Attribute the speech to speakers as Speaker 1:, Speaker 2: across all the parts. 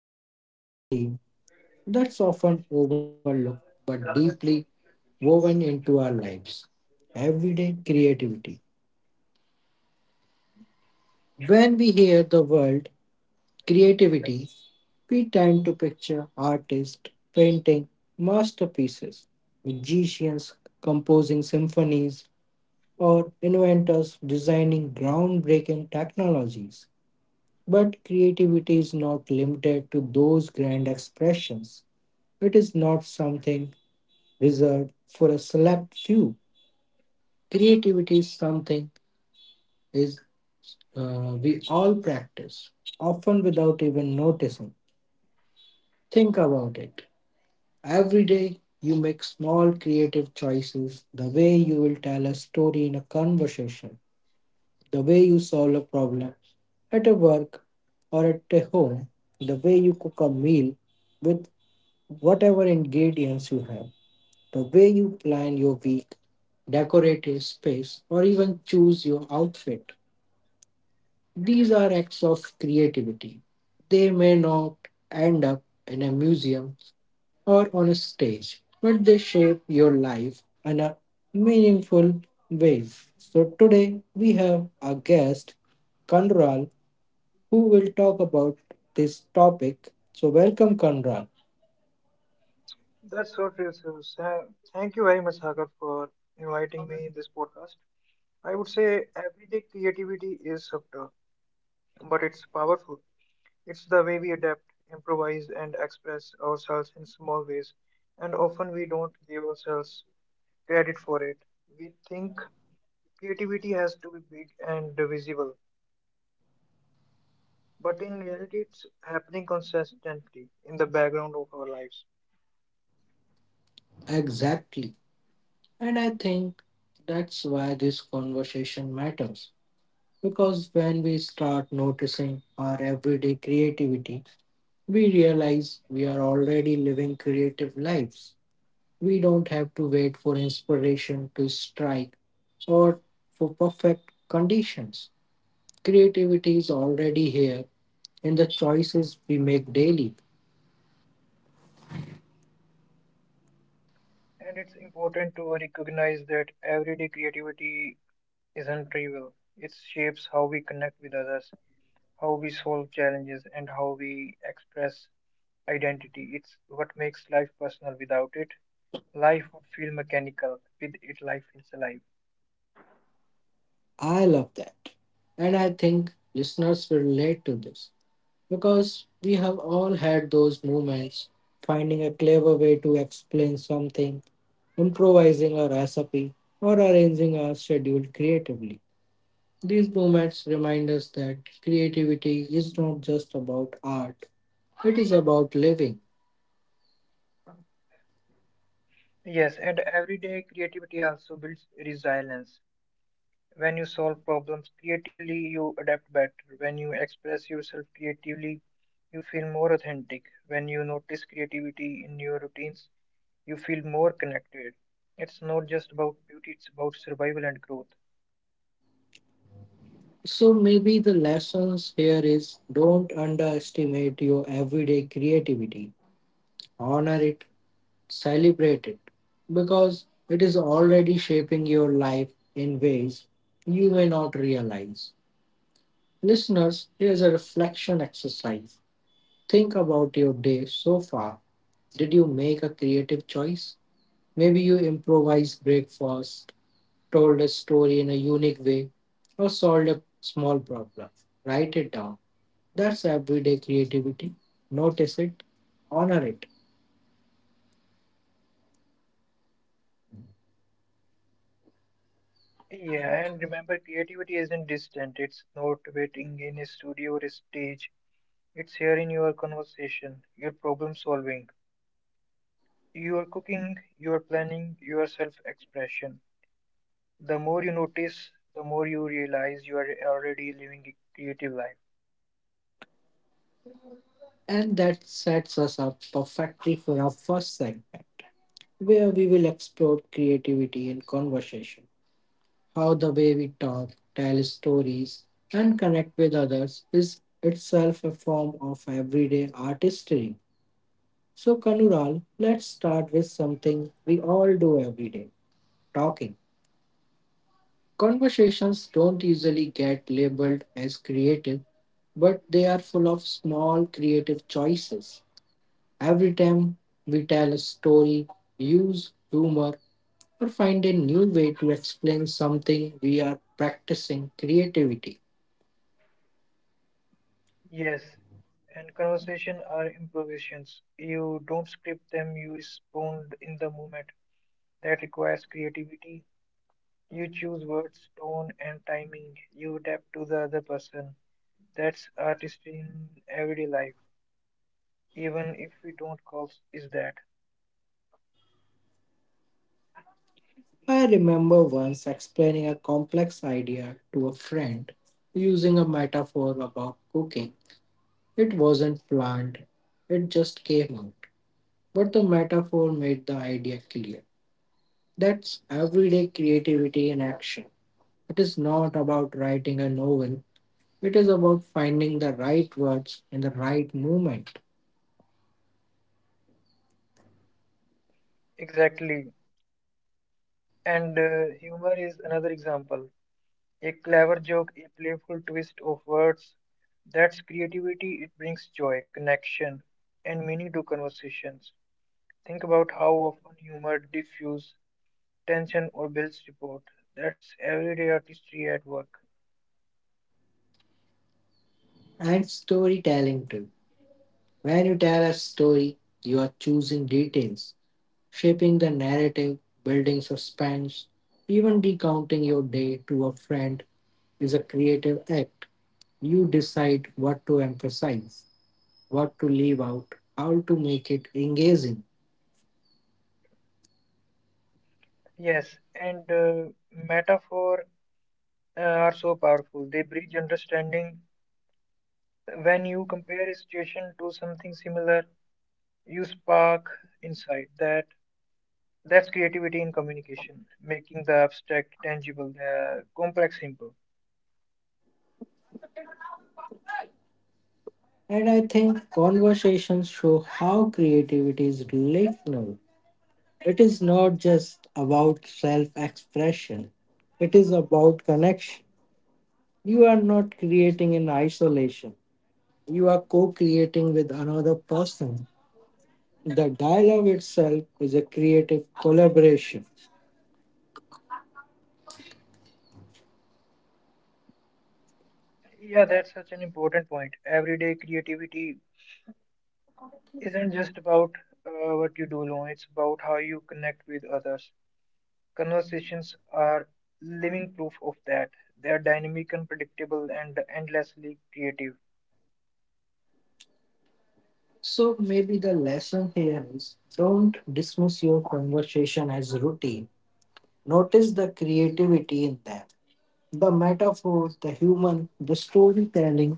Speaker 1: we are diving into a theme that's often overlooked but deeply woven into our lives everyday creativity. When we hear the word creativity, we tend to picture artists painting masterpieces, magicians composing symphonies, or inventors designing groundbreaking technologies. But creativity is not limited to those grand expressions. It is not something reserved for a select few. Creativity is something is we all practice, often without even noticing. Think about it. Every day you make small creative choices, the way you will tell a story in a conversation, the way you solve a problem at a work or at a home, the way you cook a meal with Whatever ingredients you have, the way you plan your week, decorate your space, or even choose your outfit, these are acts of creativity. They may not end up in a museum or on a stage, but they shape your life in a meaningful ways. So today we have a guest, Kanral, who will talk about this topic. So welcome, Kanral.
Speaker 2: That's so true. Thank you very much, Sagar, for inviting me in this podcast. I would say everyday creativity is subtle, but it's powerful. It's the way we adapt, improvise, and express ourselves in small ways, and often we don't give ourselves credit for it. We think creativity has to be big and visible, but in reality, it's happening consistently in the background of our lives.
Speaker 1: Exactly. And I think that's why this conversation matters. Because when we start noticing our everyday creativity, we realize we are already living creative lives. We don't have to wait for inspiration to strike or for perfect conditions. Creativity is already here in the choices we make daily.
Speaker 2: And it's important to recognize that everyday creativity isn't trivial. It shapes how we connect with others, how we solve challenges, and how we express identity. It's what makes life personal. Without it, life would feel mechanical. With it, life feels alive.
Speaker 1: I love that. And I think listeners will relate to this, because we have all had those moments finding a clever way to explain something, improvising a recipe, or arranging our schedule creatively. These moments remind us that creativity is not just about art, it is about living.
Speaker 2: Yes, and everyday creativity also builds resilience. When you solve problems creatively, you adapt better. When you express yourself creatively, you feel more authentic. When you notice creativity in your routines, you feel more connected. It's not just about beauty, it's about survival and growth.
Speaker 1: So maybe the lessons here is don't underestimate your everyday creativity. Honor it. Celebrate it, because it is already shaping your life in ways you may not realize. Listeners, here's a reflection exercise. Think about your day so far. Did you make a creative choice? Maybe you improvised breakfast, told a story in a unique way, or solved a small problem. Write it down. That's everyday creativity. Notice it, honor it.
Speaker 2: Yeah, and remember, creativity isn't distant, it's not waiting in a studio or a stage. It's here in your conversation, your problem solving, your cooking, your planning, your self expression. The more you notice, the more you realize you are already living a creative life.
Speaker 1: And that sets us up perfectly for our first segment, where we will explore creativity and conversation. How the way we talk, tell stories, and connect with others is itself a form of everyday artistry. So, Kanural, let's start with something we all do every day talking. Conversations don't usually get labeled as creative, but they are full of small creative choices. Every time we tell a story, use humor, or find a new way to explain something we are practicing creativity.
Speaker 2: Yes, and conversation are improvisations. You don't script them, you respond in the moment. That requires creativity. You choose words, tone, and timing. You adapt to the other person. That's artistry in everyday life, even if we don't call is that.
Speaker 1: I remember once explaining a complex idea to a friend using a metaphor about cooking. It wasn't planned, it just came out. But the metaphor made the idea clear. That's everyday creativity in action. It is not about writing a novel, it is about finding the right words in the right moment
Speaker 2: Exactly. And humor is another example. A clever joke, a playful twist of words. That's creativity. It brings joy, connection, and meaning to conversations. Think about how often humor diffuses tension or builds rapport. That's everyday artistry at work.
Speaker 1: and storytelling too. When you tell a story, you are choosing details, shaping the narrative, building suspense. Even recounting your day to a friend is a creative act. You decide what to emphasize, what to leave out, how to make it engaging.
Speaker 2: Yes, and metaphor are so powerful. They bridge understanding. When you compare a situation to something similar, you spark insight. That's creativity in communication, making the abstract tangible, the complex simple.
Speaker 1: And I think conversations show how creativity is relational. It is not just about self expression, it is about connection. You are not creating in isolation, you are co creating with another person. The dialogue itself is a creative collaboration.
Speaker 2: Yeah, that's such an important point. Everyday creativity isn't just about what you do alone. It's about how you connect with others. Conversations are living proof of that. They are dynamic, unpredictable, and endlessly creative.
Speaker 1: So maybe the lesson here is don't dismiss your conversation as routine. Notice the creativity in them the metaphor, the humor, the storytelling,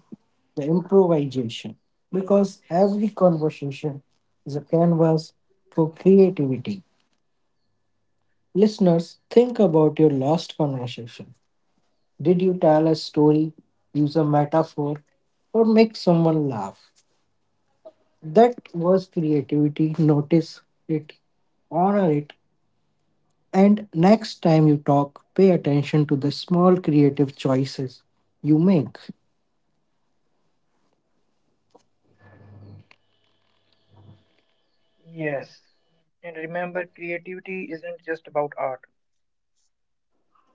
Speaker 1: the improvisation. Because every conversation is a canvas for creativity. Listeners, think about your last conversation. Did you tell a story, use a metaphor, or make someone laugh? That was creativity. Notice it, honor it, and next time you talk, pay attention to the small creative choices you make.
Speaker 2: Yes. And remember, creativity isn't just about art,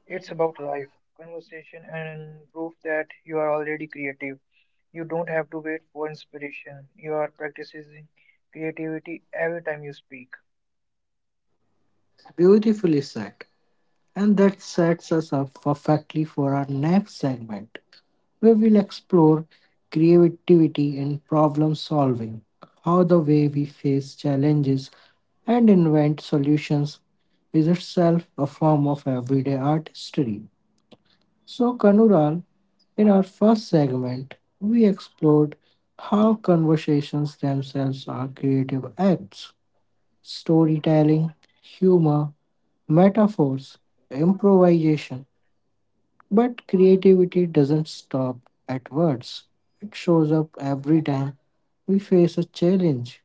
Speaker 2: it's about life, conversation, and proof that you are already creative. You don't have to wait for inspiration. You are practicing creativity every time you speak.
Speaker 1: Beautifully said. And that sets us up perfectly for our next segment, where we'll explore creativity in problem solving, how the way we face challenges and invent solutions is itself a form of everyday artistry. So, Kanural, in our first segment, we explored how conversations themselves are creative acts, storytelling, humor, metaphors, improvisation. But creativity doesn't stop at words, it shows up every time we face a challenge.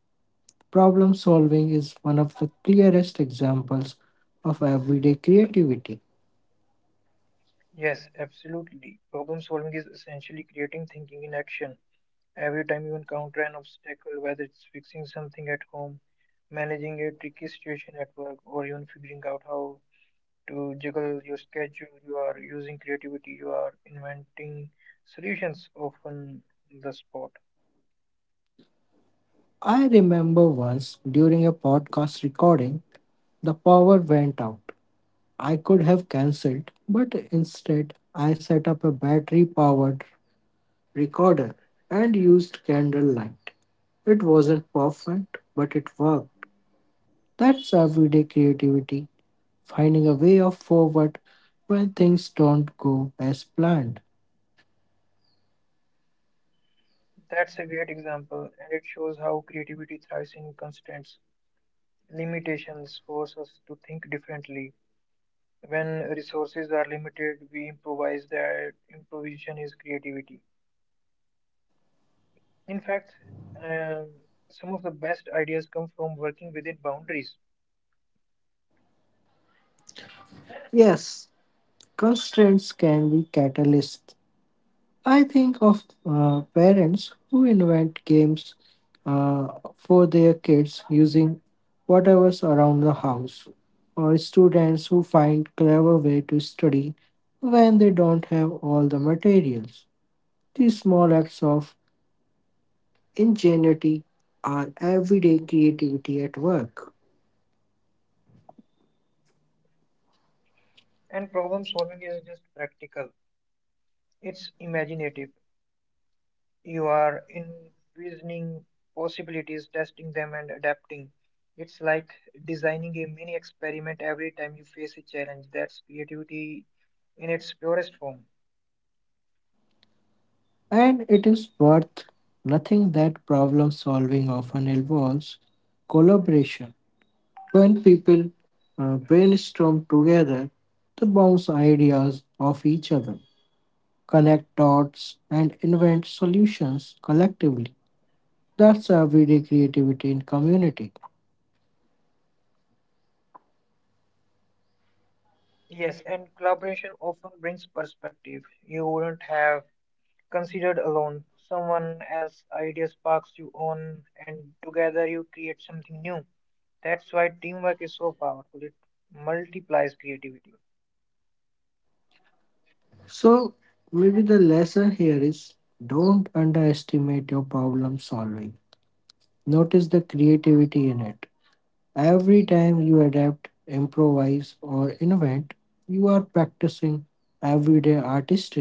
Speaker 1: Problem solving is one of the clearest examples of everyday creativity.
Speaker 2: Yes, absolutely. Problem solving is essentially creating thinking in action. Every time you encounter an obstacle, whether it's fixing something at home, managing a tricky situation at work, or even figuring out how to juggle your schedule, you are using creativity, you are inventing solutions often on the spot.
Speaker 1: I remember once during a podcast recording, the power went out. I could have cancelled, but instead, I set up a battery powered recorder and used candlelight. It wasn't perfect, but it worked. That's everyday creativity, finding a way of forward when things don't go as planned.
Speaker 2: That's a great example, and it shows how creativity thrives in constraints. Limitations force us to think differently. When resources are limited, we improvise that improvisation is creativity. In fact, um, some of the best ideas come from working within boundaries,
Speaker 1: Yes, constraints can be catalysts. I think of parents who invent games uh, for their kids using whatever's around the house, or students who find clever way to study when they don't have all the materials. These small acts of ingenuity are everyday creativity at work,
Speaker 2: and problem solving is just practical. It's imaginative. You are envisioning possibilities, testing them, and adapting. It's like designing a mini experiment every time you face a challenge. That's creativity in its purest form.
Speaker 1: and it is worth nothing that problem solving often involves collaboration. When people brainstorm together, they bounce ideas off each other, connect dots, and invent solutions collectively. That's everyday creativity in community.
Speaker 2: Yes, and collaboration often brings perspective you wouldn't have considered alone. Someone else's idea sparks your own, and together you create something new. That's why teamwork is so powerful. It multiplies creativity.
Speaker 1: So, maybe the lesson here is don't underestimate your problem solving. Notice the creativity in it. Every time you adapt, improvise, or invent, you are practicing everyday artistry.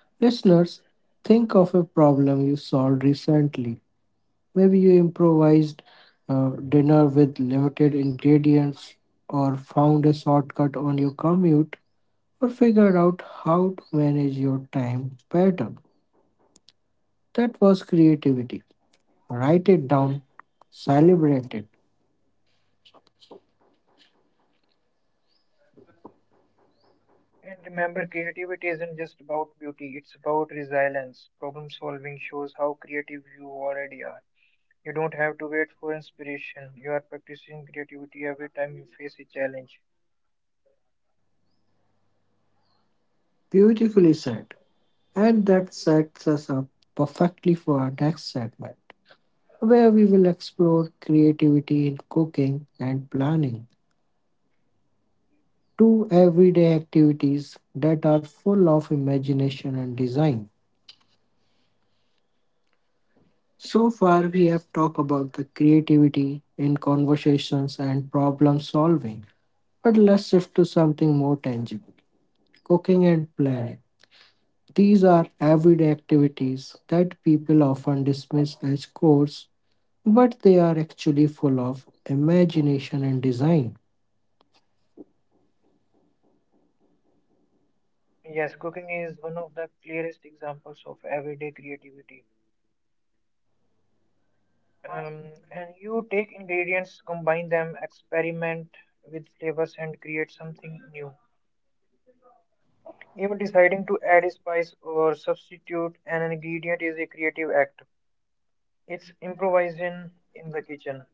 Speaker 1: Listeners, think of a problem you solved recently. Maybe you improvised dinner with limited ingredients, or found a shortcut on your commute, or figured out how to manage your time better. That was creativity. Write it down, celebrate it.
Speaker 2: And remember, creativity isn't just about beauty, it's about resilience. Problem solving shows how creative you already are. You don't have to wait for inspiration. You are practicing creativity every time you face a challenge.
Speaker 1: Beautifully said. And that sets us up perfectly for our next segment, where we will explore creativity in cooking and planning, to everyday activities that are full of imagination and design. So far, we have talked about the creativity in conversations and problem solving, but let's shift to something more tangible cooking and planning. These are everyday activities that people often dismiss as chores, but they are actually full of imagination and design.
Speaker 2: Yes, cooking is one of the clearest examples of everyday creativity. And you take ingredients, combine them, experiment with flavors, and create something new. Even deciding to add a spice or substitute an ingredient is a creative act. It's improvising in the kitchen.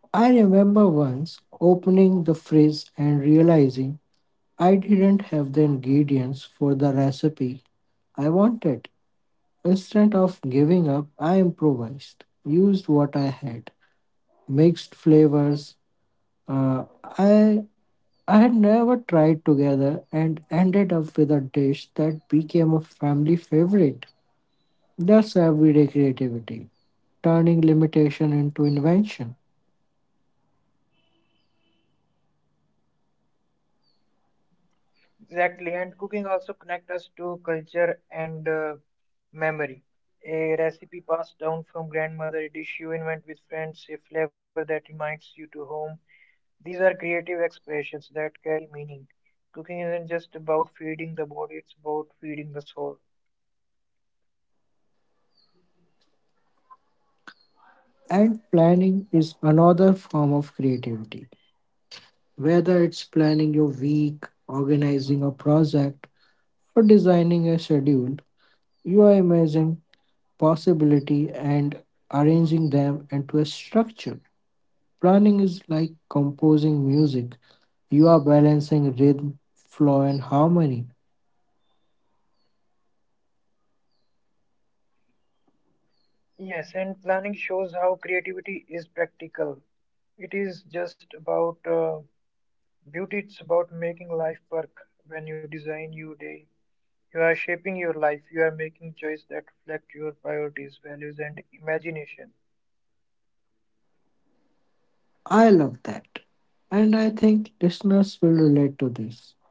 Speaker 1: I remember once opening the fridge and realizing I didn't have the ingredients for the recipe I wanted. Instead of giving up, I improvised, used what I had, mixed flavors. Uh, I I had never tried together and ended up with a dish that became a family favorite. That's everyday creativity, turning limitation into invention.
Speaker 2: Exactly, and cooking also connects us to culture and memory. A recipe passed down from grandmother, a dish you invent with friends, a flavor that reminds you to home, these are creative expressions that carry meaning. Cooking isn't just about feeding the body, it's about feeding the soul.
Speaker 1: And planning is another form of creativity. Whether it's planning your week, organizing a project, or designing a schedule, you are imagining possibility and arranging them into a structure. Planning is like composing music. You are balancing rhythm, flow, and harmony.
Speaker 2: Yes, and planning shows how creativity is practical. It is just about beauty, it's about making life work. When you design your day, you are shaping your life, you are making choices that reflect your priorities, values, and imagination.
Speaker 1: I love that. And I think listeners will relate to this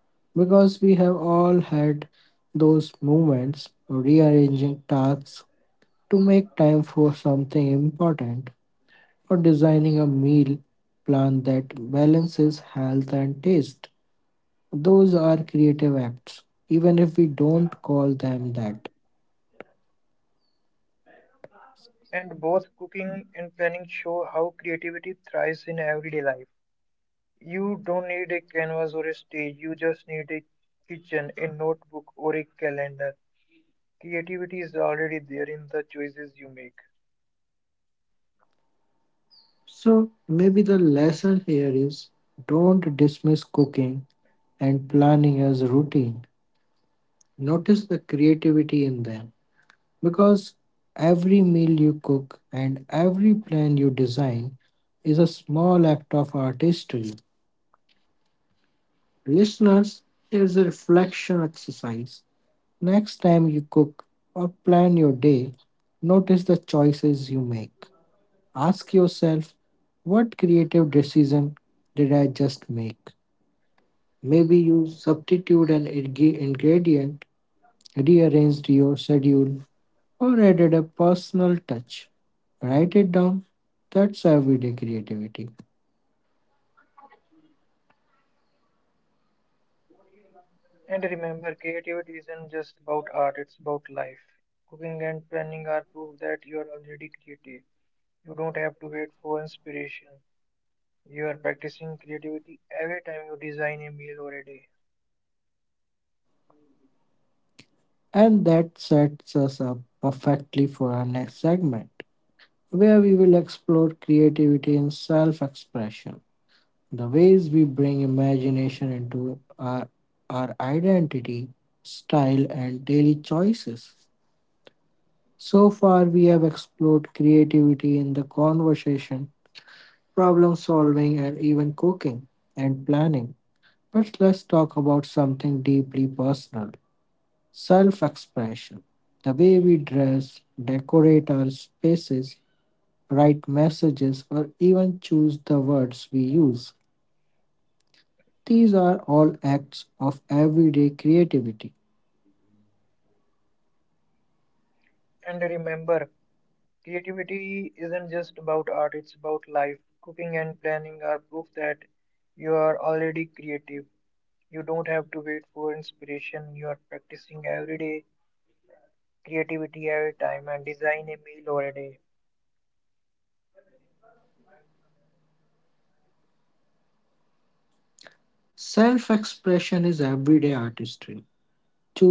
Speaker 1: because we have all had those moments rearranging tasks to make time for something important, or designing a meal plan that balances health and taste. Those are creative acts, even if we don't call them that.
Speaker 2: And both cooking and planning show how creativity thrives in everyday life. You don't need a canvas or a stage, you just need a kitchen, a notebook, or a calendar. Creativity is already there in the choices you make.
Speaker 1: So, maybe the lesson here is don't dismiss cooking and planning as routine. Notice the creativity in them because every meal you cook and every plan you design is a small act of artistry. Listeners, here's a reflection exercise. Next time you cook or plan your day, notice the choices you make. Ask yourself, what creative decision did I just make? Maybe you substitute an ingredient, rearranged your schedule, or added a personal touch. Write it down. That's everyday creativity.
Speaker 2: And remember, creativity isn't just about art, it's about life. Cooking and planning are proof that you are already creative. You don't have to wait for inspiration. You are practicing creativity every time you design a meal or a day.
Speaker 1: And that sets us up perfectly for our next segment, where we will explore creativity in self expression. The ways we bring imagination into our identity, style, and daily choices. So far, we have explored creativity in the conversation, problem solving, and even cooking and planning. But let's talk about something deeply personal self expression. The way we dress, decorate our spaces, write messages, or even choose the words we use. These are all acts of everyday creativity.
Speaker 2: And remember, creativity isn't just about art, it's about life. Cooking and planning are proof that you are already creative. You don't have to wait for inspiration. You are practicing every day, creativity every time, and design a meal or a day.
Speaker 1: Self expression is everyday artistry.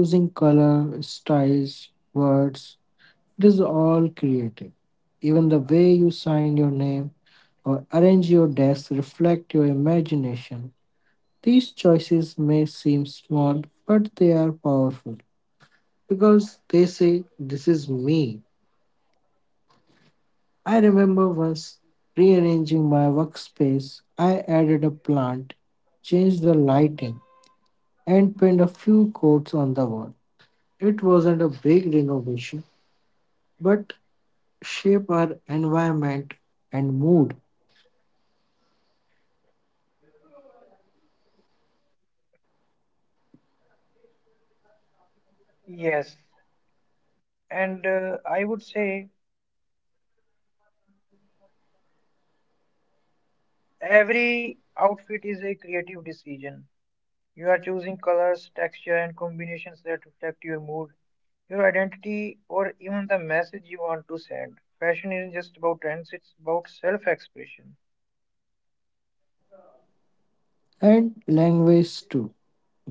Speaker 1: Choosing color, styles, words, it is all creative. Even the way you sign your name or arrange your desk reflect your imagination. These choices may seem small, but they are powerful because they say, "This is me." I remember once rearranging my workspace, I added a plant, changed the lighting, and pinned a few quotes on the wall. It wasn't a big renovation, but shaped our environment and mood
Speaker 2: Yes, and I would say every outfit is a creative decision. You are choosing colors, texture, and combinations that reflect your mood, your identity, or even the message you want to send. Fashion isn't just about trends, it's about self expression.
Speaker 1: and language too.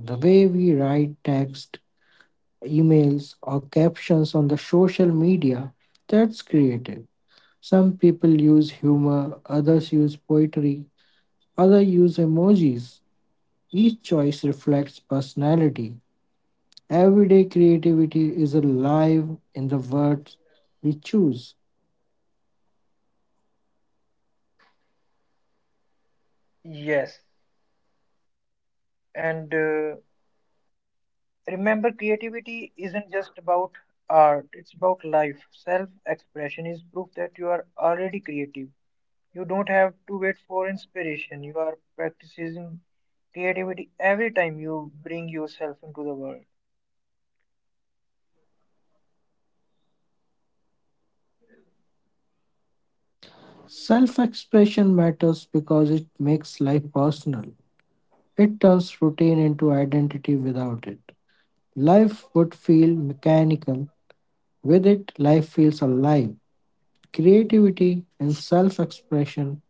Speaker 1: The way we write text, emails, or captions on the social media, that's creative. Some people use humor, others use poetry, others use emojis. Each choice reflects personality. Everyday creativity is alive in the words we choose.
Speaker 2: Yes, and remember, creativity isn't just about art, it's about life. Self expression is proof that you are already creative. You don't have to wait for inspiration, you are practicing creativity every time you bring yourself into the world.
Speaker 1: Self expression matters because it makes life personal. It turns routine into identity without it. Life would feel mechanical. With it, life feels alive. Creativity and self expression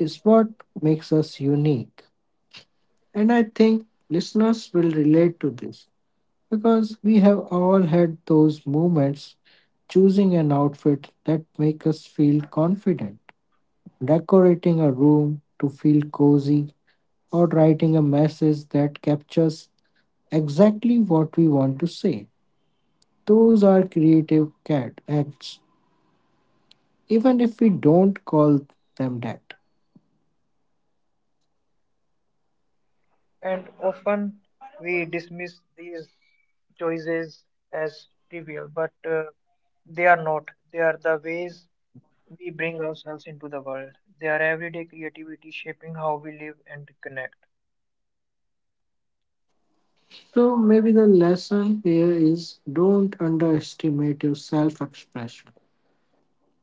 Speaker 1: is what makes us unique. And I think listeners will relate to this. Because we have all had those moments choosing an outfit that make us feel confident, decorating a room to feel cozy, or writing a message that captures exactly what we want to say. Those are creative cat acts, even if we don't call them that.
Speaker 2: And often we dismiss these choices as trivial, but they are not. They are the ways we bring ourselves into the world. They are everyday creativity shaping how we live and connect.
Speaker 1: So maybe the lesson here is don't underestimate your self expression.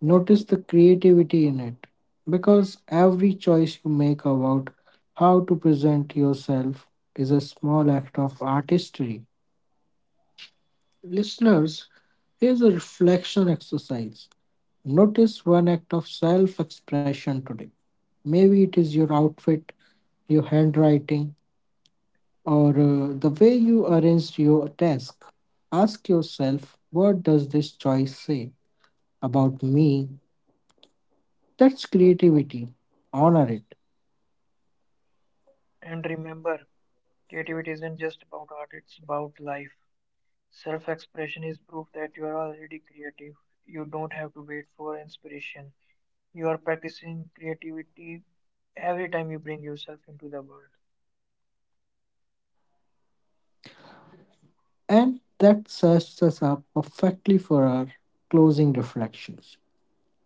Speaker 1: Notice the creativity in it, because every choice you make about how to present yourself is a small act of artistry. Listeners, here's a reflection exercise. Notice one act of self expression today. Maybe it is your outfit, your handwriting, or the way you arranged your desk. Ask yourself, what does this choice say about me? That's creativity. Honor it.
Speaker 2: And remember, creativity isn't just about art, it's about life. Self expression is proof that you are already creative. You don't have to wait for inspiration. You are practicing creativity every time you bring yourself into the world.
Speaker 1: And that sets us up perfectly for our closing reflections,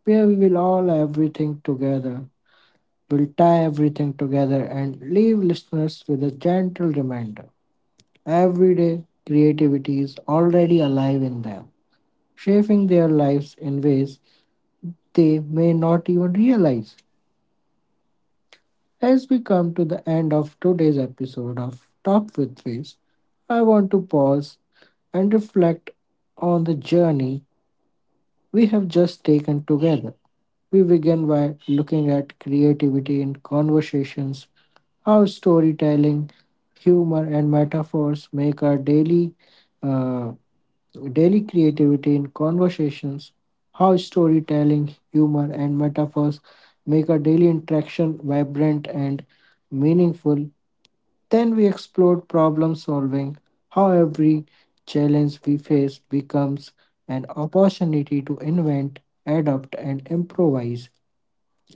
Speaker 1: where we will tie everything together and leave listeners with a gentle reminder. Every day, creativity is already alive in them, shaping their lives in ways they may not even realize. As we come to the end of today's episode of Talk with Ways, I want to pause and reflect on the journey we have just taken together. We begin by looking at creativity in conversations, how storytelling, humor, and metaphors make our uh, daily creativity in conversations, how storytelling, humor, and metaphors make our daily interaction vibrant and meaningful. Then we explored problem solving, how every challenge we face becomes an opportunity to invent, adapt, and improvise.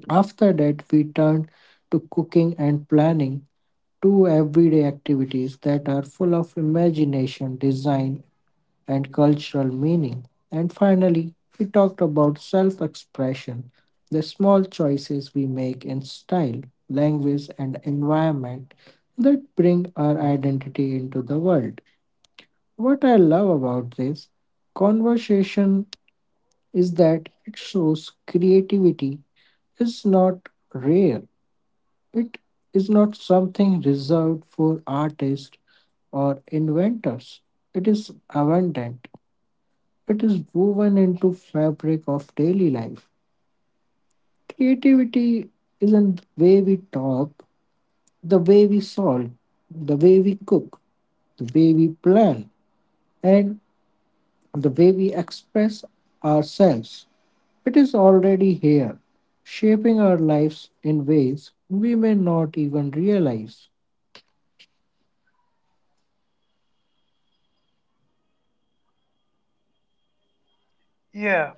Speaker 1: After that, we turned to cooking and planning, two everyday activities that are full of imagination, design, and cultural meaning. And finally, we talked about self expression, the small choices we make in style, language, and environment that bring our identity into the world. What I love about this conversation is that it shows creativity is not rare, it is not something reserved for artists or inventors. It is abundant, it is woven into fabric of daily life. Creativity isn't the way we talk, the way we solve, the way we cook, the way we plan, and the way we express ourselves. It is already here, shaping our lives in ways we may not even realize.
Speaker 2: Yeah,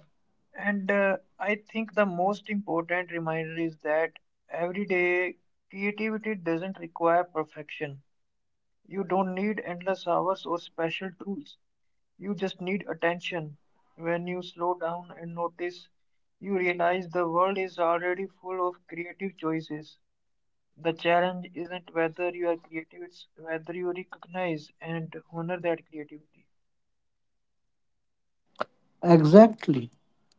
Speaker 2: and I think the most important reminder is that every day creativity doesn't require perfection. You don't need endless hours or special tools. You just need attention. When you slow down and notice, you realize the world is already full of creative choices. The challenge isn't whether you are creative, it's whether you recognize and honor that creativity.
Speaker 1: Exactly.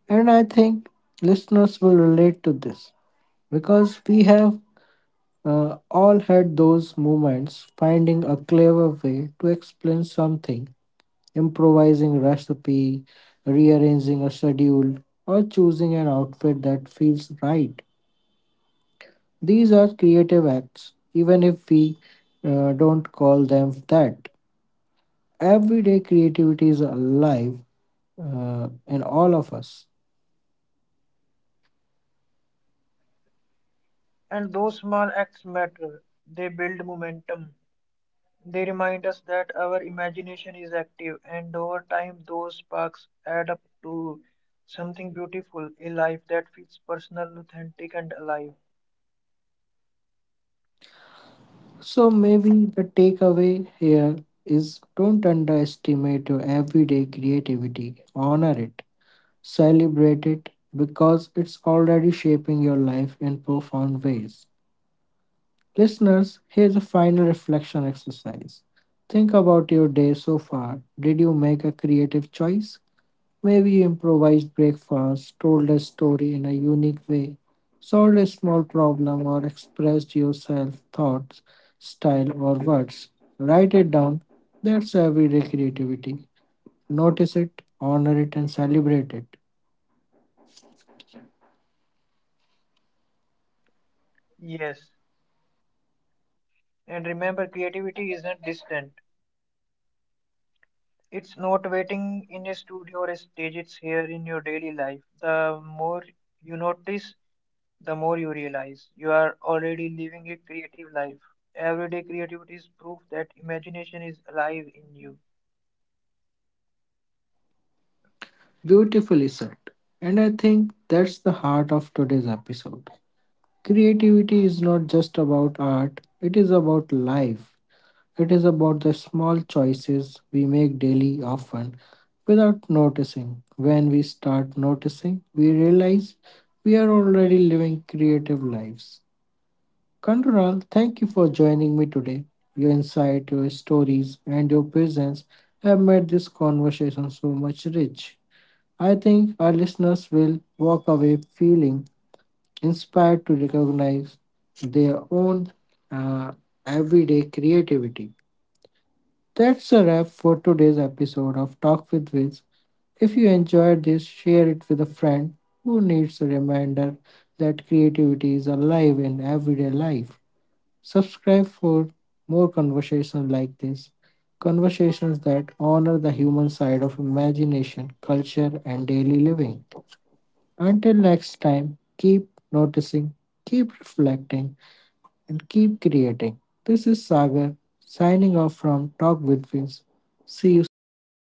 Speaker 1: And I think listeners will relate to this because we have all had those moments finding a clever way to explain something, improvising a recipe, rearranging a schedule, or choosing an outfit that feels right. These are creative acts, even if we don't call them that. Everyday creativity is alive in all of us.
Speaker 2: And those small acts matter. They build momentum. They remind us that our imagination is active, and over time, those sparks add up to something beautiful, a life that feels personal, authentic, and alive.
Speaker 1: So maybe the takeaway here is don't underestimate your everyday creativity, honor it. Celebrate it, because it's already shaping your life in profound ways. Listeners, here's a final reflection exercise. Think about your day so far. Did you make a creative choice? Maybe you improvised breakfast, told a story in a unique way, solved a small problem, or expressed yourself thoughts, style, or words. Write it down. That's everyday creativity. Notice it, honor it, and celebrate it.
Speaker 2: Yes, and remember, creativity isn't distant. It's not waiting in a studio or a stage, it's here in your daily life. The more you notice, the more you realize you are already living a creative life. Everyday creativity is proof that imagination is alive in you.
Speaker 1: Beautifully said. And I think that's the heart of today's episode. Creativity is not just about art, it is about life. It is about the small choices we make daily, often without noticing. When we start noticing, we realize we are already living creative lives. Kandural, thank you for joining me today. Your insight, your stories, and your presence have made this conversation so much rich. I think our listeners will walk away feeling inspired to recognize their own uh, everyday creativity. That's a wrap for today's episode of Talk with Wiz. If you enjoyed this, share it with a friend who needs a reminder that creativity is alive in everyday life. Subscribe for more conversations like this, conversations that honor the human side of imagination, culture, and daily living. Until next time, keep noticing, keep reflecting, and keep creating. This is Sagar signing off from Talk with Vince. See you soon.